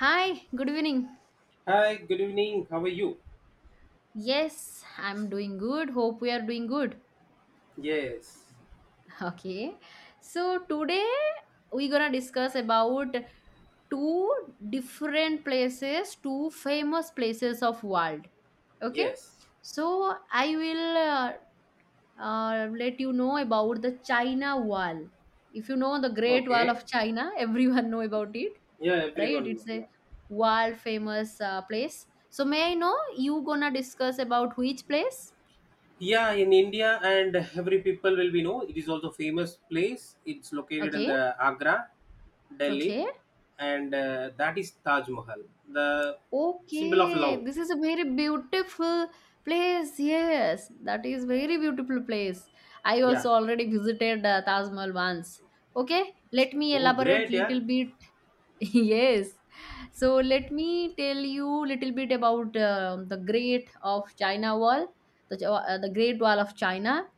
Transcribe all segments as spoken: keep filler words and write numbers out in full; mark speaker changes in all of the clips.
Speaker 1: Hi, good evening.
Speaker 2: Hi, good evening. How are you?
Speaker 1: Yes, I'm doing good. Hope we are doing good.
Speaker 2: Yes,
Speaker 1: Okay. So today we're gonna discuss about two different places, two famous places of world. Okay.
Speaker 2: yes.
Speaker 1: So I will uh, uh, let you know about the China Wall. If you know the Great Wall
Speaker 2: Okay.
Speaker 1: of China, everyone know about it.
Speaker 2: Yeah,
Speaker 1: Right?
Speaker 2: everyone know.
Speaker 1: It's
Speaker 2: Yeah.
Speaker 1: a world famous uh, place. So may I know you gonna discuss about which place?
Speaker 2: Yeah, in India and every people will be know it is also famous place. It's located in
Speaker 1: Okay,
Speaker 2: the Agra, Delhi,
Speaker 1: okay,
Speaker 2: and uh, that is Taj Mahal, the symbol of
Speaker 1: okay.
Speaker 2: love.
Speaker 1: This is a very beautiful place. Yes, that is very beautiful place. I
Speaker 2: Yeah.
Speaker 1: also already visited uh, Taj Mahal once. Okay, let me
Speaker 2: Oh,
Speaker 1: elaborate
Speaker 2: great. Yeah.
Speaker 1: little bit. Yes. So let me tell you little bit about um the Great of China Wall, the Ch- uh, the Great Wall of China,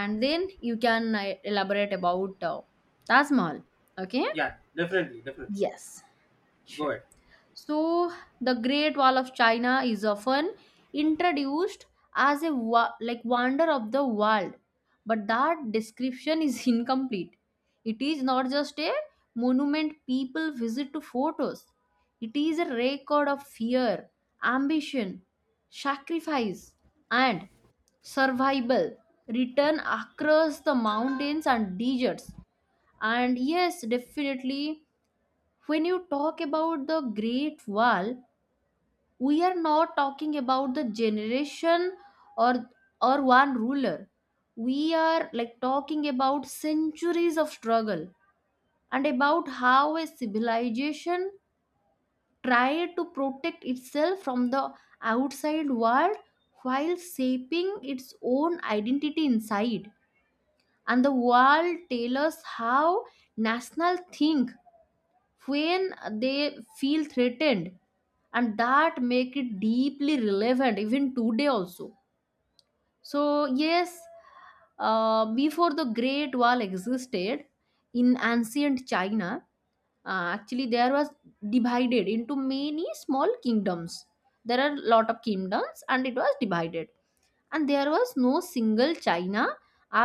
Speaker 1: and then you can uh, elaborate about uh, Taj Mahal. Okay?
Speaker 2: Yeah. Definitely. Definitely.
Speaker 1: Yes.
Speaker 2: Go
Speaker 1: Sure.
Speaker 2: ahead.
Speaker 1: So the Great Wall of China is often introduced as a wa- like wonder of the world, but that description is incomplete. It is not just a monument people visit to photos. It is a record of fear, ambition, sacrifice, and survival written across the mountains and deserts. And yes, definitely, when you talk about the Great Wall, we are not talking about the generation or or one ruler. We are like talking about centuries of struggle and about how a civilization tried to protect itself from the outside world while shaping its own identity inside. And the world tells us how national think when they feel threatened, and that make it deeply relevant even today also. So yes, uh, before the great wall existed in ancient China, uh, actually there was divided into many small kingdoms. There are lot of kingdoms, and it was divided, and there was no single China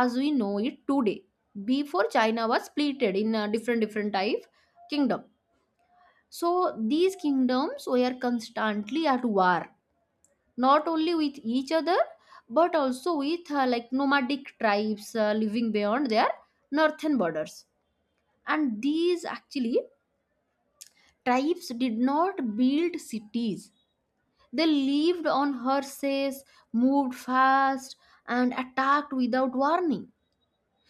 Speaker 1: as we know it today before China was splitted in uh, different different type kingdom. So these kingdoms were constantly at war, not only with each other, but also with uh, like nomadic tribes uh, living beyond their northern borders. And these actually tribes did not build cities. They lived on horses, moved fast, and attacked without warning.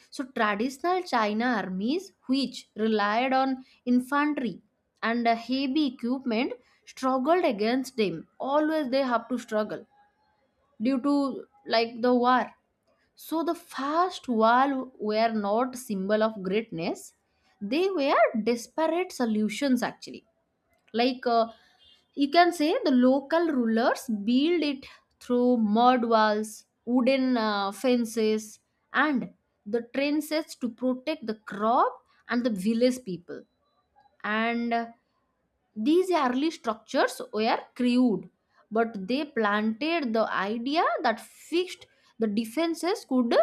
Speaker 1: So traditional China armies, which relied on infantry and uh, heavy equipment, struggled against them. Always they have to struggle due to like the war. So the fast wall were not symbol of greatness; they were desperate solutions actually. Like uh, you can say the local rulers built it through mud walls, wooden uh, fences, and the trenches to protect the crop and the village people. And uh, these early structures were crude, but they planted the idea that fixed the defenses could uh,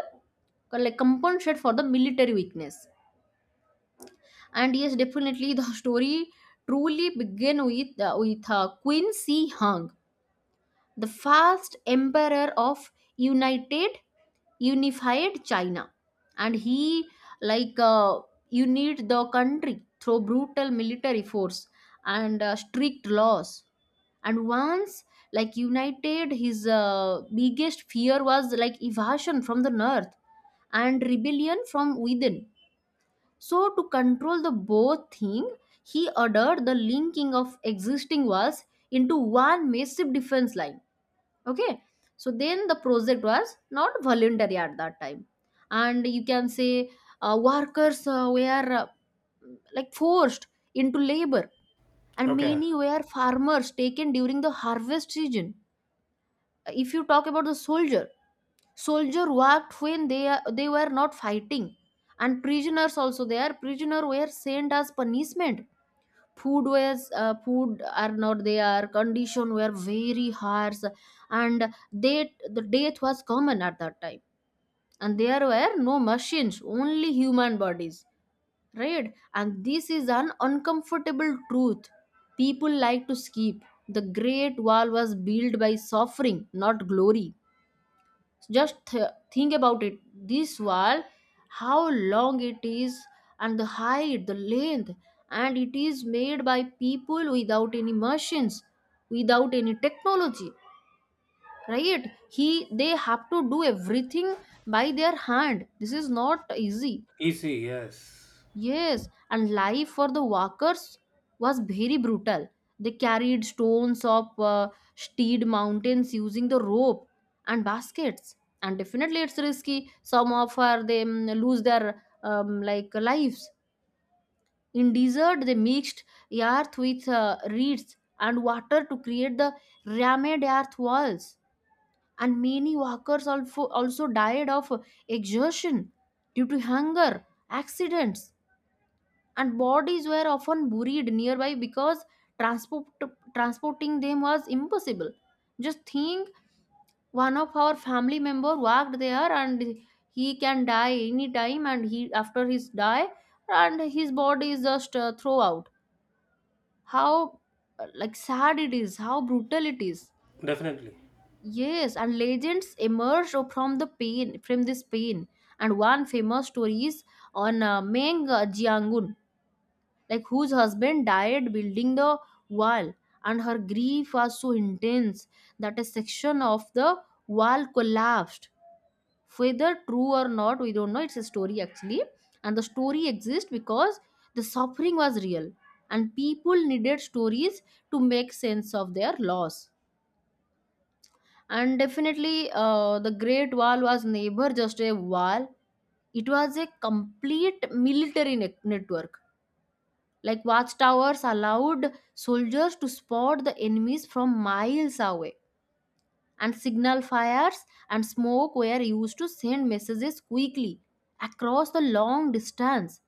Speaker 1: like compensate for the military weakness. And yes, definitely the story truly began with uh, with uh, Queen Si Hung, the first emperor of united unified China. And he like uh, you the country through brutal military force and uh, strict laws. And once like united, his uh, biggest fear was like invasion from the north and rebellion from within. So to control the both thing, he ordered the linking of existing walls into one massive defense line. Okay. So then the project was not voluntary at that time, and you can say uh, workers uh, were uh, like forced into labor, and many were farmers taken during the harvest season. If you talk about the soldier, soldier worked when they are- they were not fighting. And prisoners also there. Prisoner were sent as punishment. Food was uh, food are not there, condition were very harsh. And they the death was common at that time, and there were no machines, only human bodies. Right? And this is an uncomfortable truth people like to skip. The great wall was built by suffering, not glory. Just th- think about it. This wall, how long it is, and the height, the length, and it is made by people without any machines, without any technology. Right? he They have to do everything by their hand. This is not easy.
Speaker 2: Easy. Yes.
Speaker 1: Yes, and life for the workers was very brutal. They carried stones up uh, steep mountains using the rope and baskets. And definitely, it's risky. Some of her they mm, lose their um, like lives. In desert, they mixed earth with uh, reeds and water to create the rammed earth walls. And many workers also also died of exhaustion due to hunger, accidents, and bodies were often buried nearby because transport, transporting them was impossible. Just think, one of our family member worked there, and he can die anytime, and he after his die, and his body is just uh, throw out. How uh, like sad it is, how brutal it is.
Speaker 2: Definitely.
Speaker 1: Yes, and legends emerge from the pain, from this pain. And one famous story is on uh, Meng Jiangun, like whose husband died building the wall, and her grief was so intense that a section of the wall collapsed. Whether true or not, we don't know. It's a story actually. And the story exists because the suffering was real, and people needed stories to make sense of their loss. And definitely, uh, the great wall was never just a wall. It was a complete military ne- network. Like watchtowers allowed soldiers to spot the enemies from miles away, and signal fires and smoke were used to send messages quickly across the long distance.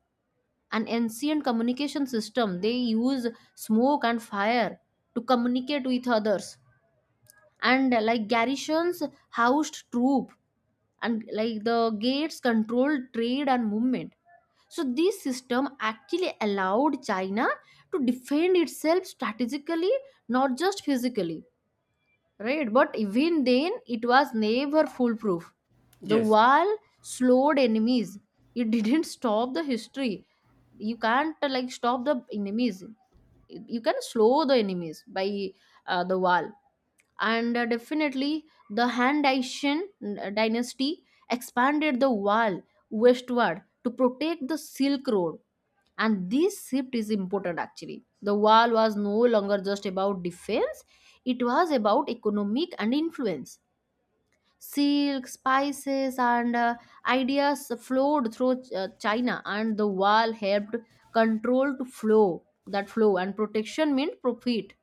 Speaker 1: An ancient communication system, they use smoke and fire to communicate with others. And uh, like garrisons housed troops, and like the gates controlled trade and movement. So this system actually allowed China to defend itself strategically, not just physically. Right? But even then, it was never foolproof. The
Speaker 2: Yes.
Speaker 1: wall slowed enemies. It didn't stop the history. You can't uh, like stop the enemies. You can slow the enemies by uh, the wall. And uh, definitely the Han Daishin dynasty expanded the wall westward to protect the Silk Road. And this shift is important actually. The wall was no longer just about defense, it was about economic and influence. Silk, spices, and uh, ideas flowed through uh, China, and the wall helped control to flow that flow, and protection meant profit.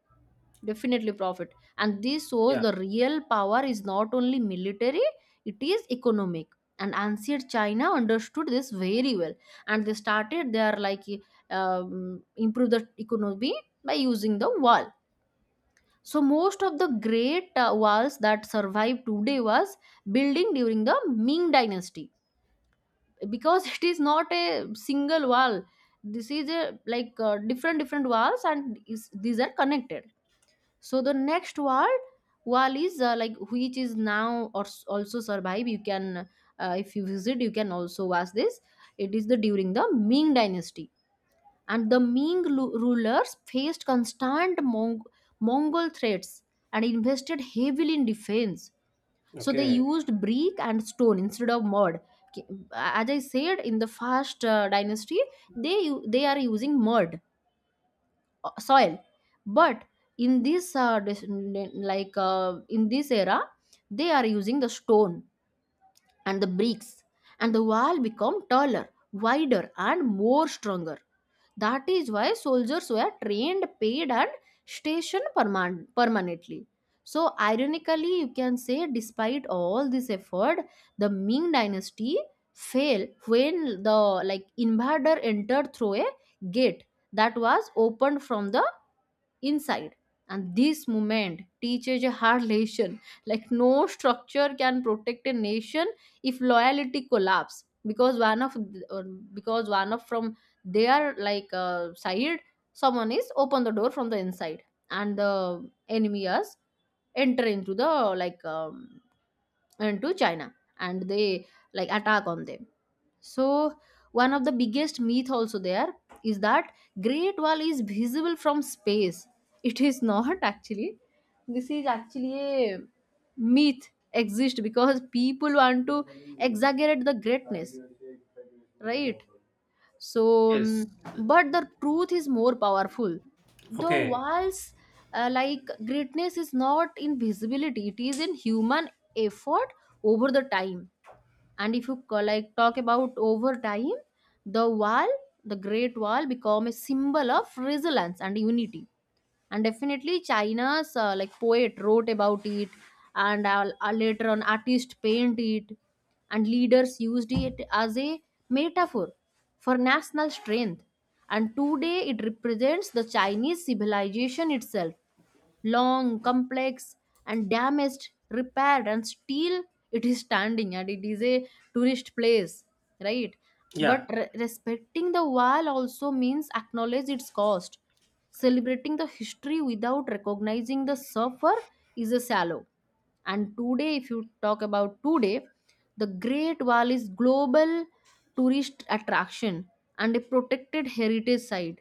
Speaker 1: Definitely profit. And this shows
Speaker 2: Yeah.
Speaker 1: the real power is not only military, it is economic. And ancient China understood this very well. And they started their like um, improve the economy by using the wall. So most of the great uh, walls that survive today was building during the Ming dynasty, because it is not a single wall. This is a like uh, different different walls, and is, these are connected. So the next word wall is uh, like which is now or s- also survive. You can uh, if you visit, you can also watch this. It is the during the Ming Dynasty, and the Ming lu- rulers faced constant Mong- Mongol threats and invested heavily in defense. So they
Speaker 2: Okay.
Speaker 1: used brick and stone instead of mud. K- As I said in the first uh, dynasty, they u- they are using mud uh, soil. But in this uh, dis- like uh, in this era, they are using the stone and the bricks, and the wall become taller, wider, and more stronger. That is why soldiers were trained, paid, and stationed perman- permanently. So ironically, you can say despite all this effort, the Ming dynasty fell when the like invader entered through a gate that was opened from the inside. And this movement teaches a hard lesson. Like no structure can protect a nation if loyalty collapse because one of uh, because one of from their like uh, side, someone is open the door from the inside, and the enemy is enter into the like um, into China, and they like attack on them. So one of the biggest myth also there is that Great Wall is visible from space. It is not actually. This is actually a myth exist because people want to exaggerate the greatness, right? So,
Speaker 2: Yes.
Speaker 1: um, but the truth is more powerful. The
Speaker 2: Okay.
Speaker 1: walls, uh, like greatness, is not in visibility. It is in human effort over the time. And if you co- like talk about over time, the wall, the great wall become a symbol of resilience and unity. And definitely, China's uh, like poet wrote about it, and uh, uh, later on artist painted it, and leaders used it as a metaphor for national strength. And today it represents the Chinese civilization itself: long, complex, and damaged, repaired, and still it is standing, and it is a tourist place, right? But
Speaker 2: Yeah.
Speaker 1: re- respecting the wall also means acknowledge its cost. Celebrating the history without recognizing the suffer is a shallow. And today, if you talk about today, the Great Wall is global tourist attraction and a protected heritage site,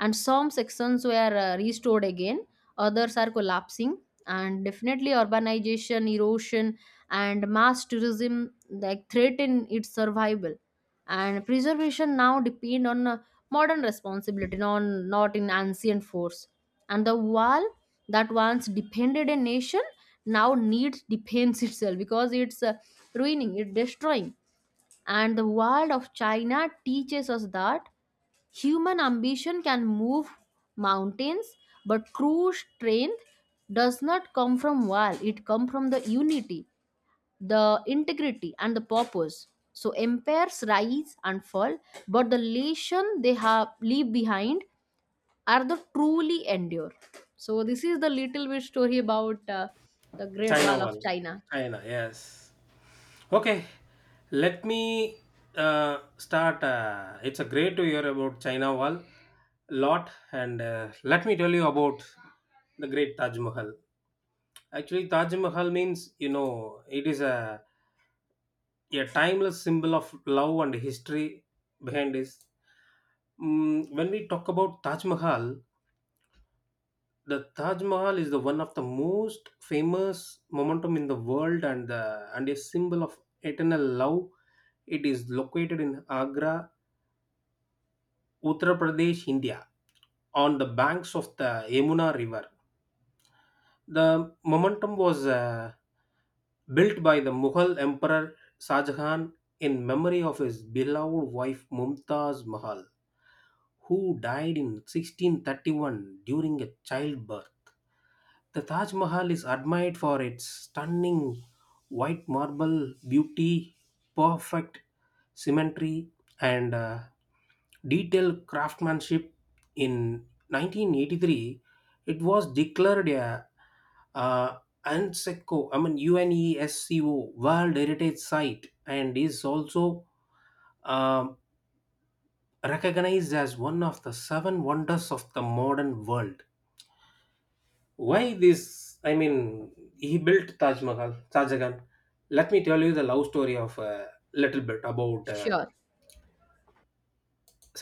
Speaker 1: and some sections were uh, restored again, others are collapsing, and definitely urbanization, erosion, and mass tourism like threaten its survival, and preservation now depend on uh, modern responsibility, not not in ancient force. And the wall that once defended a nation now needs defense itself because it's uh, ruining, it's destroying. And the world of China teaches us that human ambition can move mountains, but true strength does not come from wall, it comes from the unity, the integrity, and the purpose. So empires rise and fall, but the nation they have leave behind are the truly endure. So this is the little bit story about uh, the Great
Speaker 2: China
Speaker 1: Wall of
Speaker 2: Wall,
Speaker 1: China.
Speaker 2: China, yes. Okay, let me uh, start. Uh, it's a great to hear about China wall lot, and uh, let me tell you about the great Taj Mahal. Actually, Taj Mahal means you know it is a a timeless symbol of love and history behind this. Mm, when we talk about Taj Mahal, the Taj Mahal is the one of the most famous momentum in the world and the and a symbol of eternal love. It is located in Agra, Uttar Pradesh, India, on the banks of the Yamuna River. The momentum was uh, built by the Mughal Emperor Shah Jahan in memory of his beloved wife Mumtaz Mahal, who died in sixteen thirty-one during a childbirth. The Taj Mahal is admired for its stunning white marble beauty, perfect symmetry, and uh, detailed craftsmanship. In nineteen eighty-three, it was declared a uh, UNESCO, I mean UNESCO World Heritage Site, and is also um, recognized as one of the seven wonders of the modern world. Why this? I mean, he built Taj Mahal, Shah Jahan. Let me tell you the love story of a little bit about uh,
Speaker 1: Sure,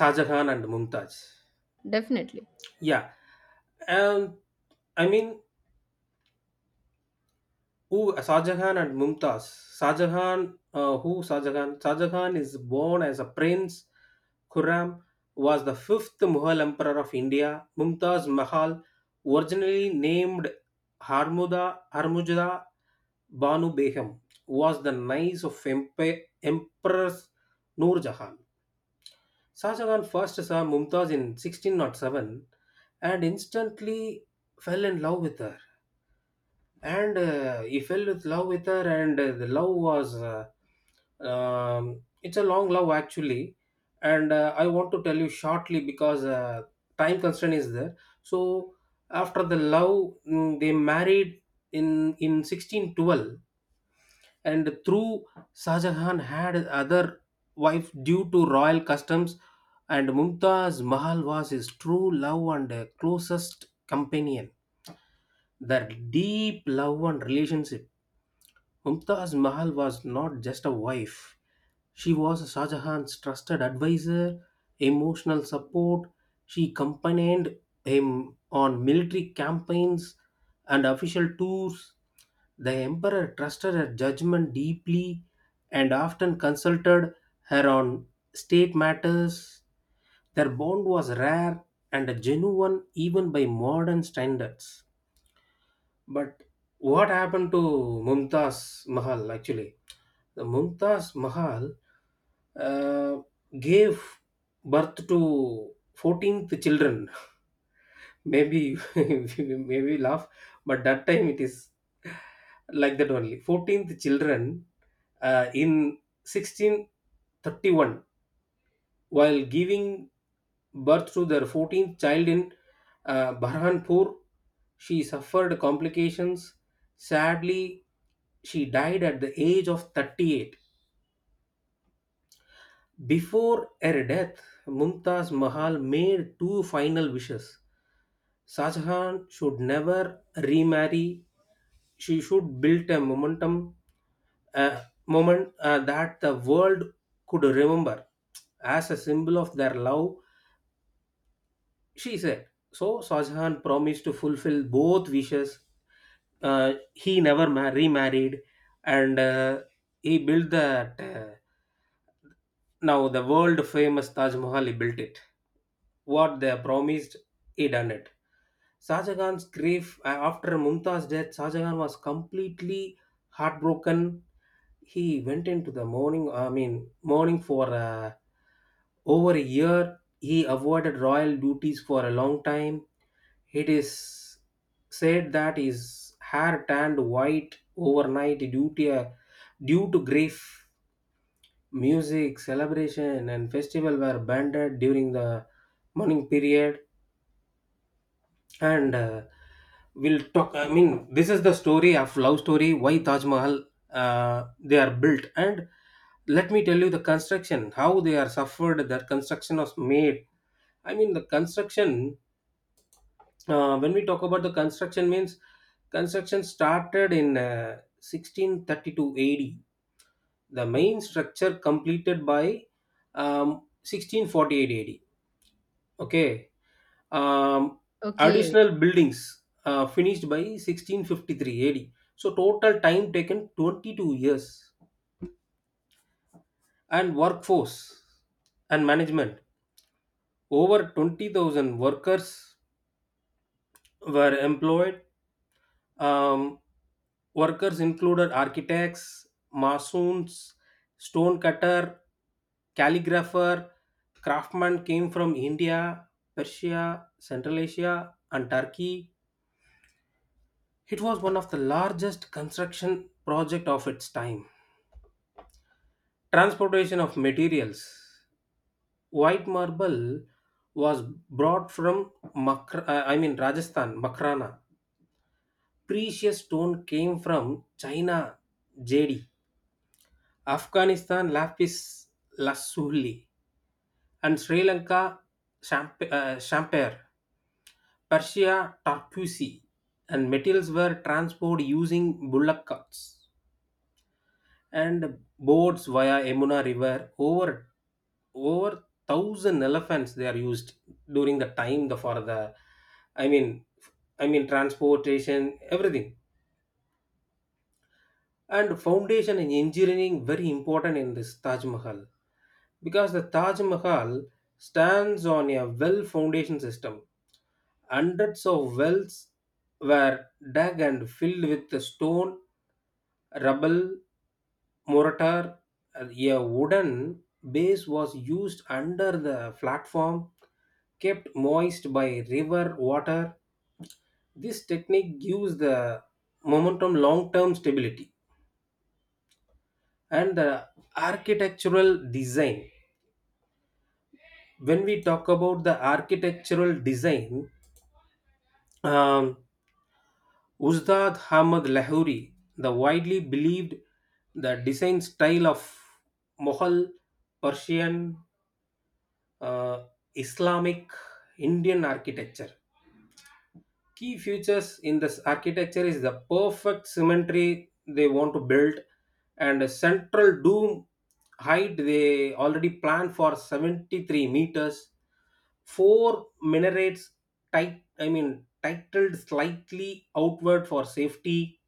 Speaker 2: Shah Jahan and Mumtaz.
Speaker 1: definitely.
Speaker 2: Yeah, um, I mean who uh, Shahjahan and Mumtaz. Shahjahan, uh, who Shahjahan? Shahjahan is born as a prince. Khurram was the fifth Mughal emperor of India. Mumtaz Mahal, originally named Harmuda Harmujda Banu Begum, was the niece of Empe- Empress Noor Jahan. Shahjahan first saw Mumtaz in sixteen oh seven and instantly fell in love with her, and uh, he fell in love with her, and uh, the love was uh, um, it's a long love actually, and uh, I want to tell you shortly because uh, time constraint is there. So after the love, mm, they married in in sixteen twelve. And through Shah Jahan had other wife due to royal customs, and Mumtaz Mahal was his true love and uh, closest companion. Their deep love and relationship. Mumtaz Mahal was not just a wife. She was Shah Jahan's trusted advisor, emotional support. She accompanied him on military campaigns and official tours. The emperor trusted her judgment deeply and often consulted her on state matters. Their bond was rare and genuine even by modern standards. But what happened to Mumtaz Mahal actually? The Mumtaz Mahal uh, gave birth to fourteenth children. Maybe maybe laugh, but that time it is like that only. fourteenth children uh, in sixteen thirty-one while giving birth to their fourteenth child in uh, Burhanpur. She suffered complications. Sadly, she died at the age of thirty-eight. Before her death, Mumtaz Mahal made two final wishes. Shah Jahan should never remarry. She should build a momentum, a moment uh, that the world could remember as a symbol of their love, she said. So Shah Jahan promised to fulfill both wishes. Uh, he never ma- remarried, and uh, he built that. Uh, now the world famous Taj Mahal. He built it. What they promised, he done it. Shahjahan's grief, uh, after Mumtaz's death, Shahjahan was completely heartbroken. He went into the mourning, I mean, mourning for uh, over a year. He avoided royal duties for a long time. It is said that his hair turned white overnight due to, a- due to grief. Music, celebration, and festival were banned during the mourning period. And uh, we'll talk, I mean, this is the story of love story why Taj Mahal uh, they are built. And let me tell you the construction how they are suffered their construction was made, I mean the construction. Uh, when we talk about the construction means construction started in uh, sixteen thirty-two A D. The main structure completed by um, sixteen forty-eight A D. Okay. um,
Speaker 1: Okay.
Speaker 2: additional buildings uh, finished by sixteen fifty-three A D. So total time taken twenty-two years and workforce and management over twenty thousand workers were employed. Um, workers included architects, masons, stone cutter, calligrapher, craftsmen came from India, Persia, Central Asia and Turkey. It was one of the largest construction project of its time. Transportation of materials. White marble was brought from Makra, uh, I mean Rajasthan, Makrana. Precious stone came from China, Jedi. Afghanistan, lapis lazuli, and Sri Lanka, champ- uh, champere. Persia, tarquisi, and metals were transported using bullock carts and boats via Yamuna River. Over over thousand elephants they are used during the time, the for the I mean I mean transportation, everything. And foundation in engineering very important in this Taj Mahal because the Taj Mahal stands on a well foundation system. Hundreds of wells were dug and filled with the stone rubble, mortar, uh, a wooden base was used under the platform, kept moist by river water. This technique gives the momentum long term stability and the architectural design. When we talk about the architectural design, um, Uzdad Ahmad Lahori, the widely believed the design style of Mughal, Persian, uh, Islamic Indian architecture. Key features in this architecture is the perfect symmetry they want to build and a central dome height they already plan for seventy-three meters. Four minarets tight, I mean, titled slightly outward for safety.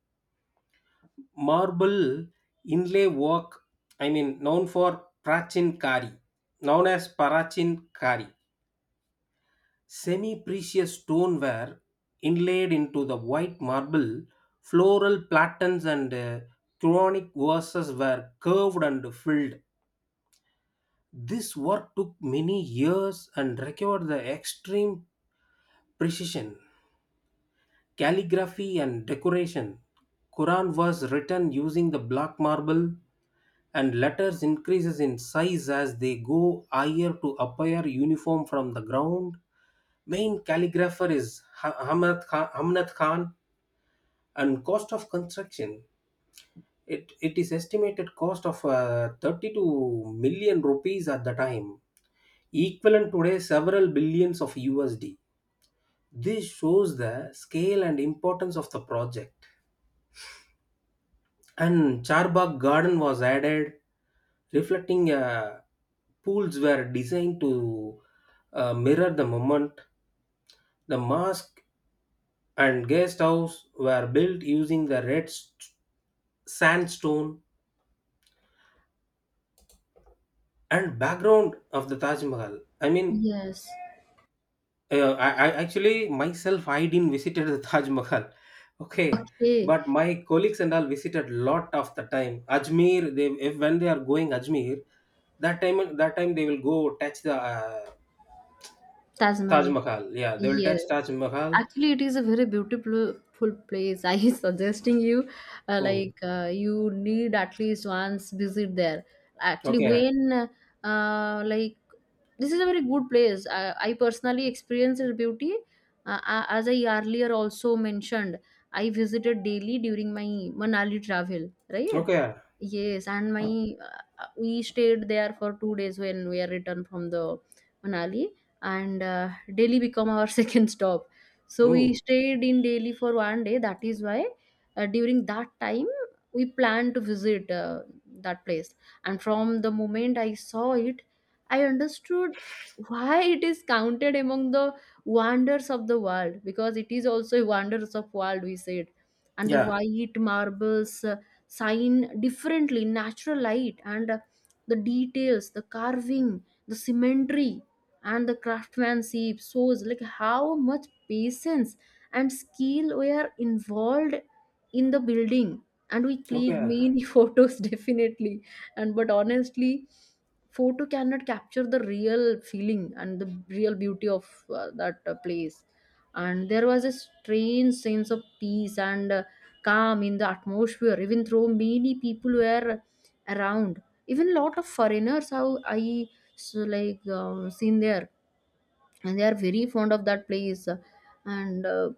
Speaker 2: Marble inlay work, I mean, known for Prachin Kari, known as Parachin Kari semi precious stoneware inlaid into the white marble, floral patterns and uh, Quranic verses were curved and filled. This work took many years and required the extreme precision, calligraphy, and decoration. Quran was written using the black marble, and letters increases in size as they go higher to appear uniform from the ground. Main calligrapher is Ha- Hamad Kha- Hamnat Khan. And cost of construction, it, it is estimated cost of uh, thirty-two million rupees at the time, equivalent today several billions of U S D. This shows the scale and importance of the project. And Charbagh Garden was added, reflecting uh, pools were designed to uh, mirror the moment. The mosque and guest house were built using the red st- sandstone and background of the Taj Mahal. I mean,
Speaker 1: Yes.
Speaker 2: uh, I, I actually myself I didn't visited the Taj Mahal, okay,
Speaker 1: Okay,
Speaker 2: but my colleagues and all visited lot of the time. Ajmer, they if, when they are going Ajmer, that time that time they will go touch the uh,
Speaker 1: Taj
Speaker 2: Taj
Speaker 1: Mahal.
Speaker 2: Mahal. Yeah, they will
Speaker 1: Yeah.
Speaker 2: touch Taj Mahal.
Speaker 1: Actually, it is a very beautiful full place. I is suggesting you, uh,
Speaker 2: Hmm.
Speaker 1: like uh, you need at least once visit there. Actually,
Speaker 2: Okay,
Speaker 1: when uh, like this is a very good place. I, I personally experienced its beauty. Uh, a- as I earlier also mentioned, I visited daily during my Manali travel. Right?
Speaker 2: okay.
Speaker 1: Yes, and my uh, we stayed there for two days when we are returned from the Manali, and uh, Delhi become our second stop. So we
Speaker 2: Hmm.
Speaker 1: stayed in Delhi for one day. That is why uh, during that time we planned to visit uh, that place. And from the moment I saw it, I understood why it is counted among the wonders of the world, because it is also a wonders of world we said. And the
Speaker 2: Yeah,
Speaker 1: white marbles uh, shine differently in natural light, and uh, the details, the carving, the symmetry, and the craftsmanship shows like how much patience and skill were involved in the building, and we clicked
Speaker 2: okay,
Speaker 1: many photos definitely. And but honestly, photo cannot capture the real feeling and the real beauty of uh, that uh, place. And there was a strange sense of peace and uh, calm in the atmosphere, even though many people were around, even lot of foreigners how I so like uh, seen there, and they are very fond of that place. And uh,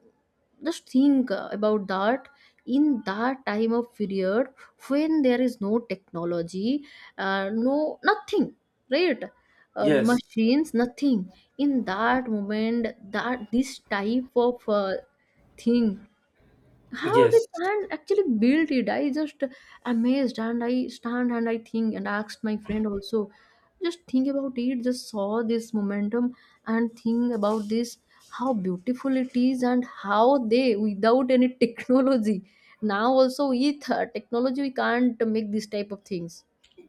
Speaker 1: just think about that, in that time of period when there is no technology, uh, no nothing, right? Uh,
Speaker 2: yes,
Speaker 1: machines, nothing. In that moment, that this type of uh, thing, how they
Speaker 2: yes,
Speaker 1: can actually build it, I just amazed, and I stand and I think and asked my friend also, just think about it, just saw this momentum and think about this, how beautiful it is and how they without any technology, now also with uh, technology we can't make this type of things.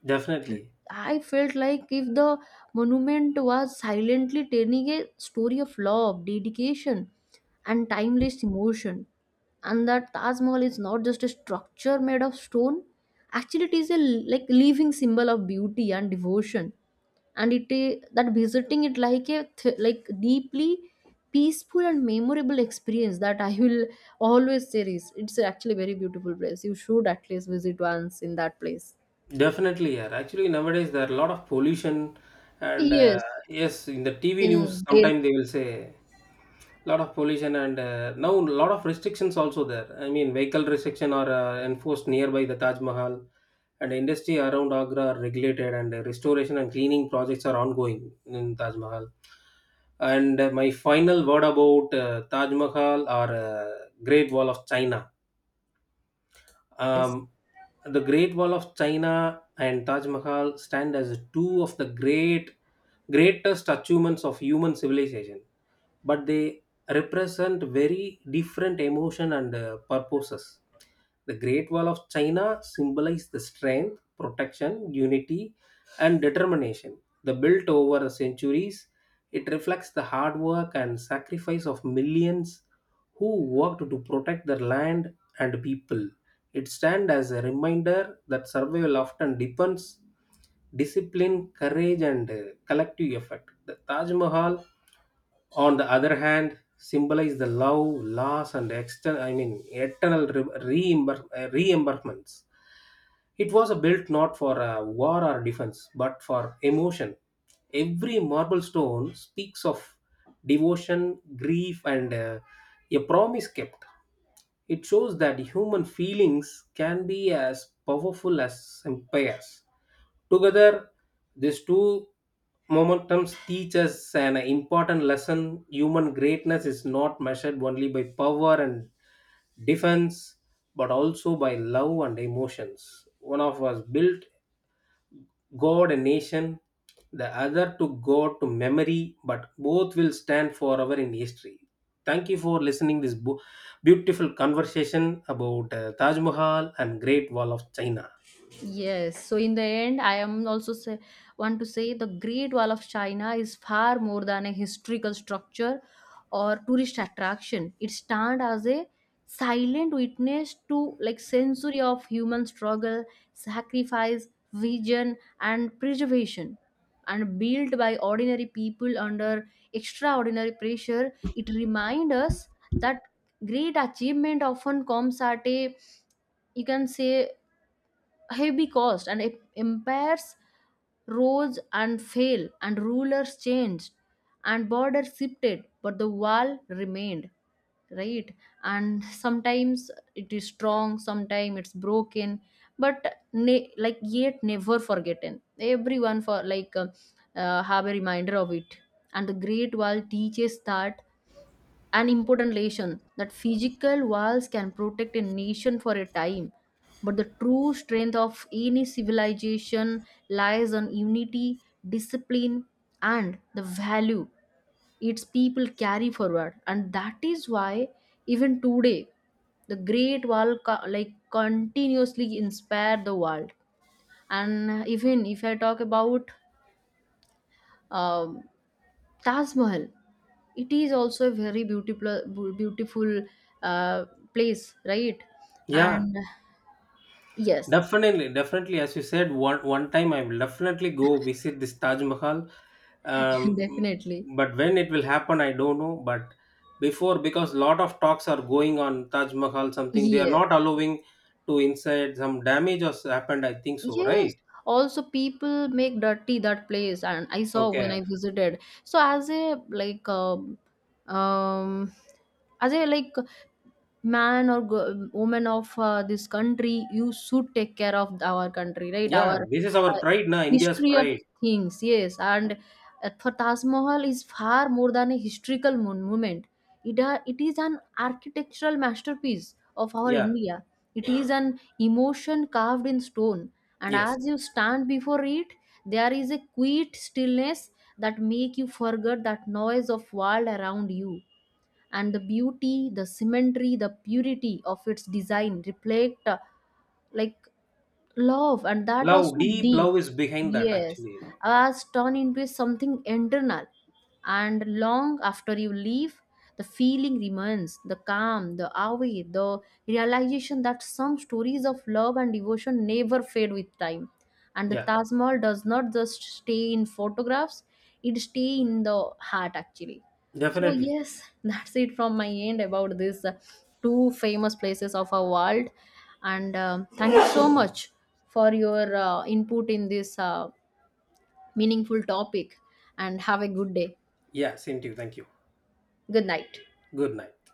Speaker 2: definitely.
Speaker 1: I felt like if the monument was silently telling a story of love, dedication, and timeless emotion, and that Taj Mahal is not just a structure made of stone. Actually, it is a like living symbol of beauty and devotion, and it i- that visiting it like a th- like deeply peaceful and memorable experience that I will always cherish. It's actually a very beautiful place. You should at least visit once in that place.
Speaker 2: Definitely, yeah. Actually, nowadays there are a lot of pollution, and uh,
Speaker 1: Yes,
Speaker 2: yes, in the T V news,
Speaker 1: in Delhi.
Speaker 2: sometimes they will say lot of pollution and uh, now a lot of restrictions also there. I mean, vehicle restriction are uh, enforced nearby the Taj Mahal, and industry around Agra are regulated, and uh, restoration and cleaning projects are ongoing in Taj Mahal. And uh, my final word about uh, Taj Mahal or uh, Great Wall of China.
Speaker 1: Yes,
Speaker 2: Um, the Great Wall of China and Taj Mahal stand as two of the great greatest achievements of human civilization, but they represent very different emotion and uh, purposes. The Great Wall of China symbolizes the strength, protection, unity, and determination. The built over centuries, it reflects the hard work and sacrifice of millions who worked to protect their land and people. It stands as a reminder that survival often depends discipline, courage, and uh, collective effort. The Taj Mahal, on the other hand, symbolize the love, loss, and external, I mean, eternal re- reimburse- uh, reimbursements. It was built not for uh, war or defense, but for emotion. Every marble stone speaks of devotion, grief, and uh, a promise kept. It shows that human feelings can be as powerful as empires. Together, these two momentums teach us an important lesson. Human greatness is not measured only by power and defense, but also by love and emotions. One of us built God and nation, the other to God to memory, but both will stand forever in history. Thank you for listening this bu- beautiful conversation about uh, Taj Mahal and Great Wall of China.
Speaker 1: yes. So in the end, I am also say, want to say the Great Wall of China is far more than a historical structure or tourist attraction. It stands as a silent witness to like century of human struggle, sacrifice, vision, and preservation. And built by ordinary people under extraordinary pressure, it reminds us that great achievement often comes at a you can say heavy cost, and it impairs roads and fail, and rulers changed and borders shifted, but the wall remained, right? And sometimes it is strong, sometimes it's broken, but ne- like yet never forgotten, everyone for like uh, uh, have a reminder of it. And the great wall teaches that an important lesson, that physical walls can protect a nation for a time, but the true strength of any civilization lies on unity, discipline, and the value its people carry forward. And that is why, even today, the Great Wall co- like continuously inspire the world. And even if I talk about um, Taj Mahal. It is also a very beautiful, bu- beautiful uh, place, right?
Speaker 2: Yeah,
Speaker 1: And yes,
Speaker 2: definitely, definitely. As you said, one one time I will definitely go visit this Taj Mahal. Um,
Speaker 1: definitely.
Speaker 2: but when it will happen, I don't know. But before, because lot of talks are going on Taj Mahal, something they are
Speaker 1: Yes,
Speaker 2: not allowing to inside. Some damage has happened. I think so,
Speaker 1: yes.
Speaker 2: right?
Speaker 1: Also, people make dirty that place, and I saw when
Speaker 2: Okay.
Speaker 1: I visited. So, as a like um, um as a like man or go- woman of uh, this country, you should take care of our country, right?
Speaker 2: Yeah,
Speaker 1: Our
Speaker 2: this is our
Speaker 1: uh,
Speaker 2: pride, na India's
Speaker 1: history of
Speaker 2: pride.
Speaker 1: things, yes. And uh, for taj mahal is far more than a historical mon- moment, it, are- it is an architectural masterpiece of our
Speaker 2: Yeah.
Speaker 1: india, it is an emotion carved in stone. And
Speaker 2: Yes.
Speaker 1: as you stand before it, there is a quiet stillness that make you forget that noise of world around you, and the beauty, the symmetry, the purity of its design reflect uh, like love, and that was
Speaker 2: Love,
Speaker 1: so
Speaker 2: deep
Speaker 1: deep.
Speaker 2: love is behind that
Speaker 1: Yes,
Speaker 2: actually.
Speaker 1: I was turned into something internal, and long after you leave, the feeling remains, the calm, the awe, the realization that some stories of love and devotion never fade with time. And the
Speaker 2: Yeah,
Speaker 1: taj mahal does not just stay in photographs, it stay in the heart actually. So
Speaker 2: definitely.
Speaker 1: yes, that's it from my end about these uh, two famous places of our world. And um thank you so much for your uh, input in this uh, meaningful topic. And have a good day.
Speaker 2: Yeah, same to you. Thank you.
Speaker 1: Good night.
Speaker 2: Good night.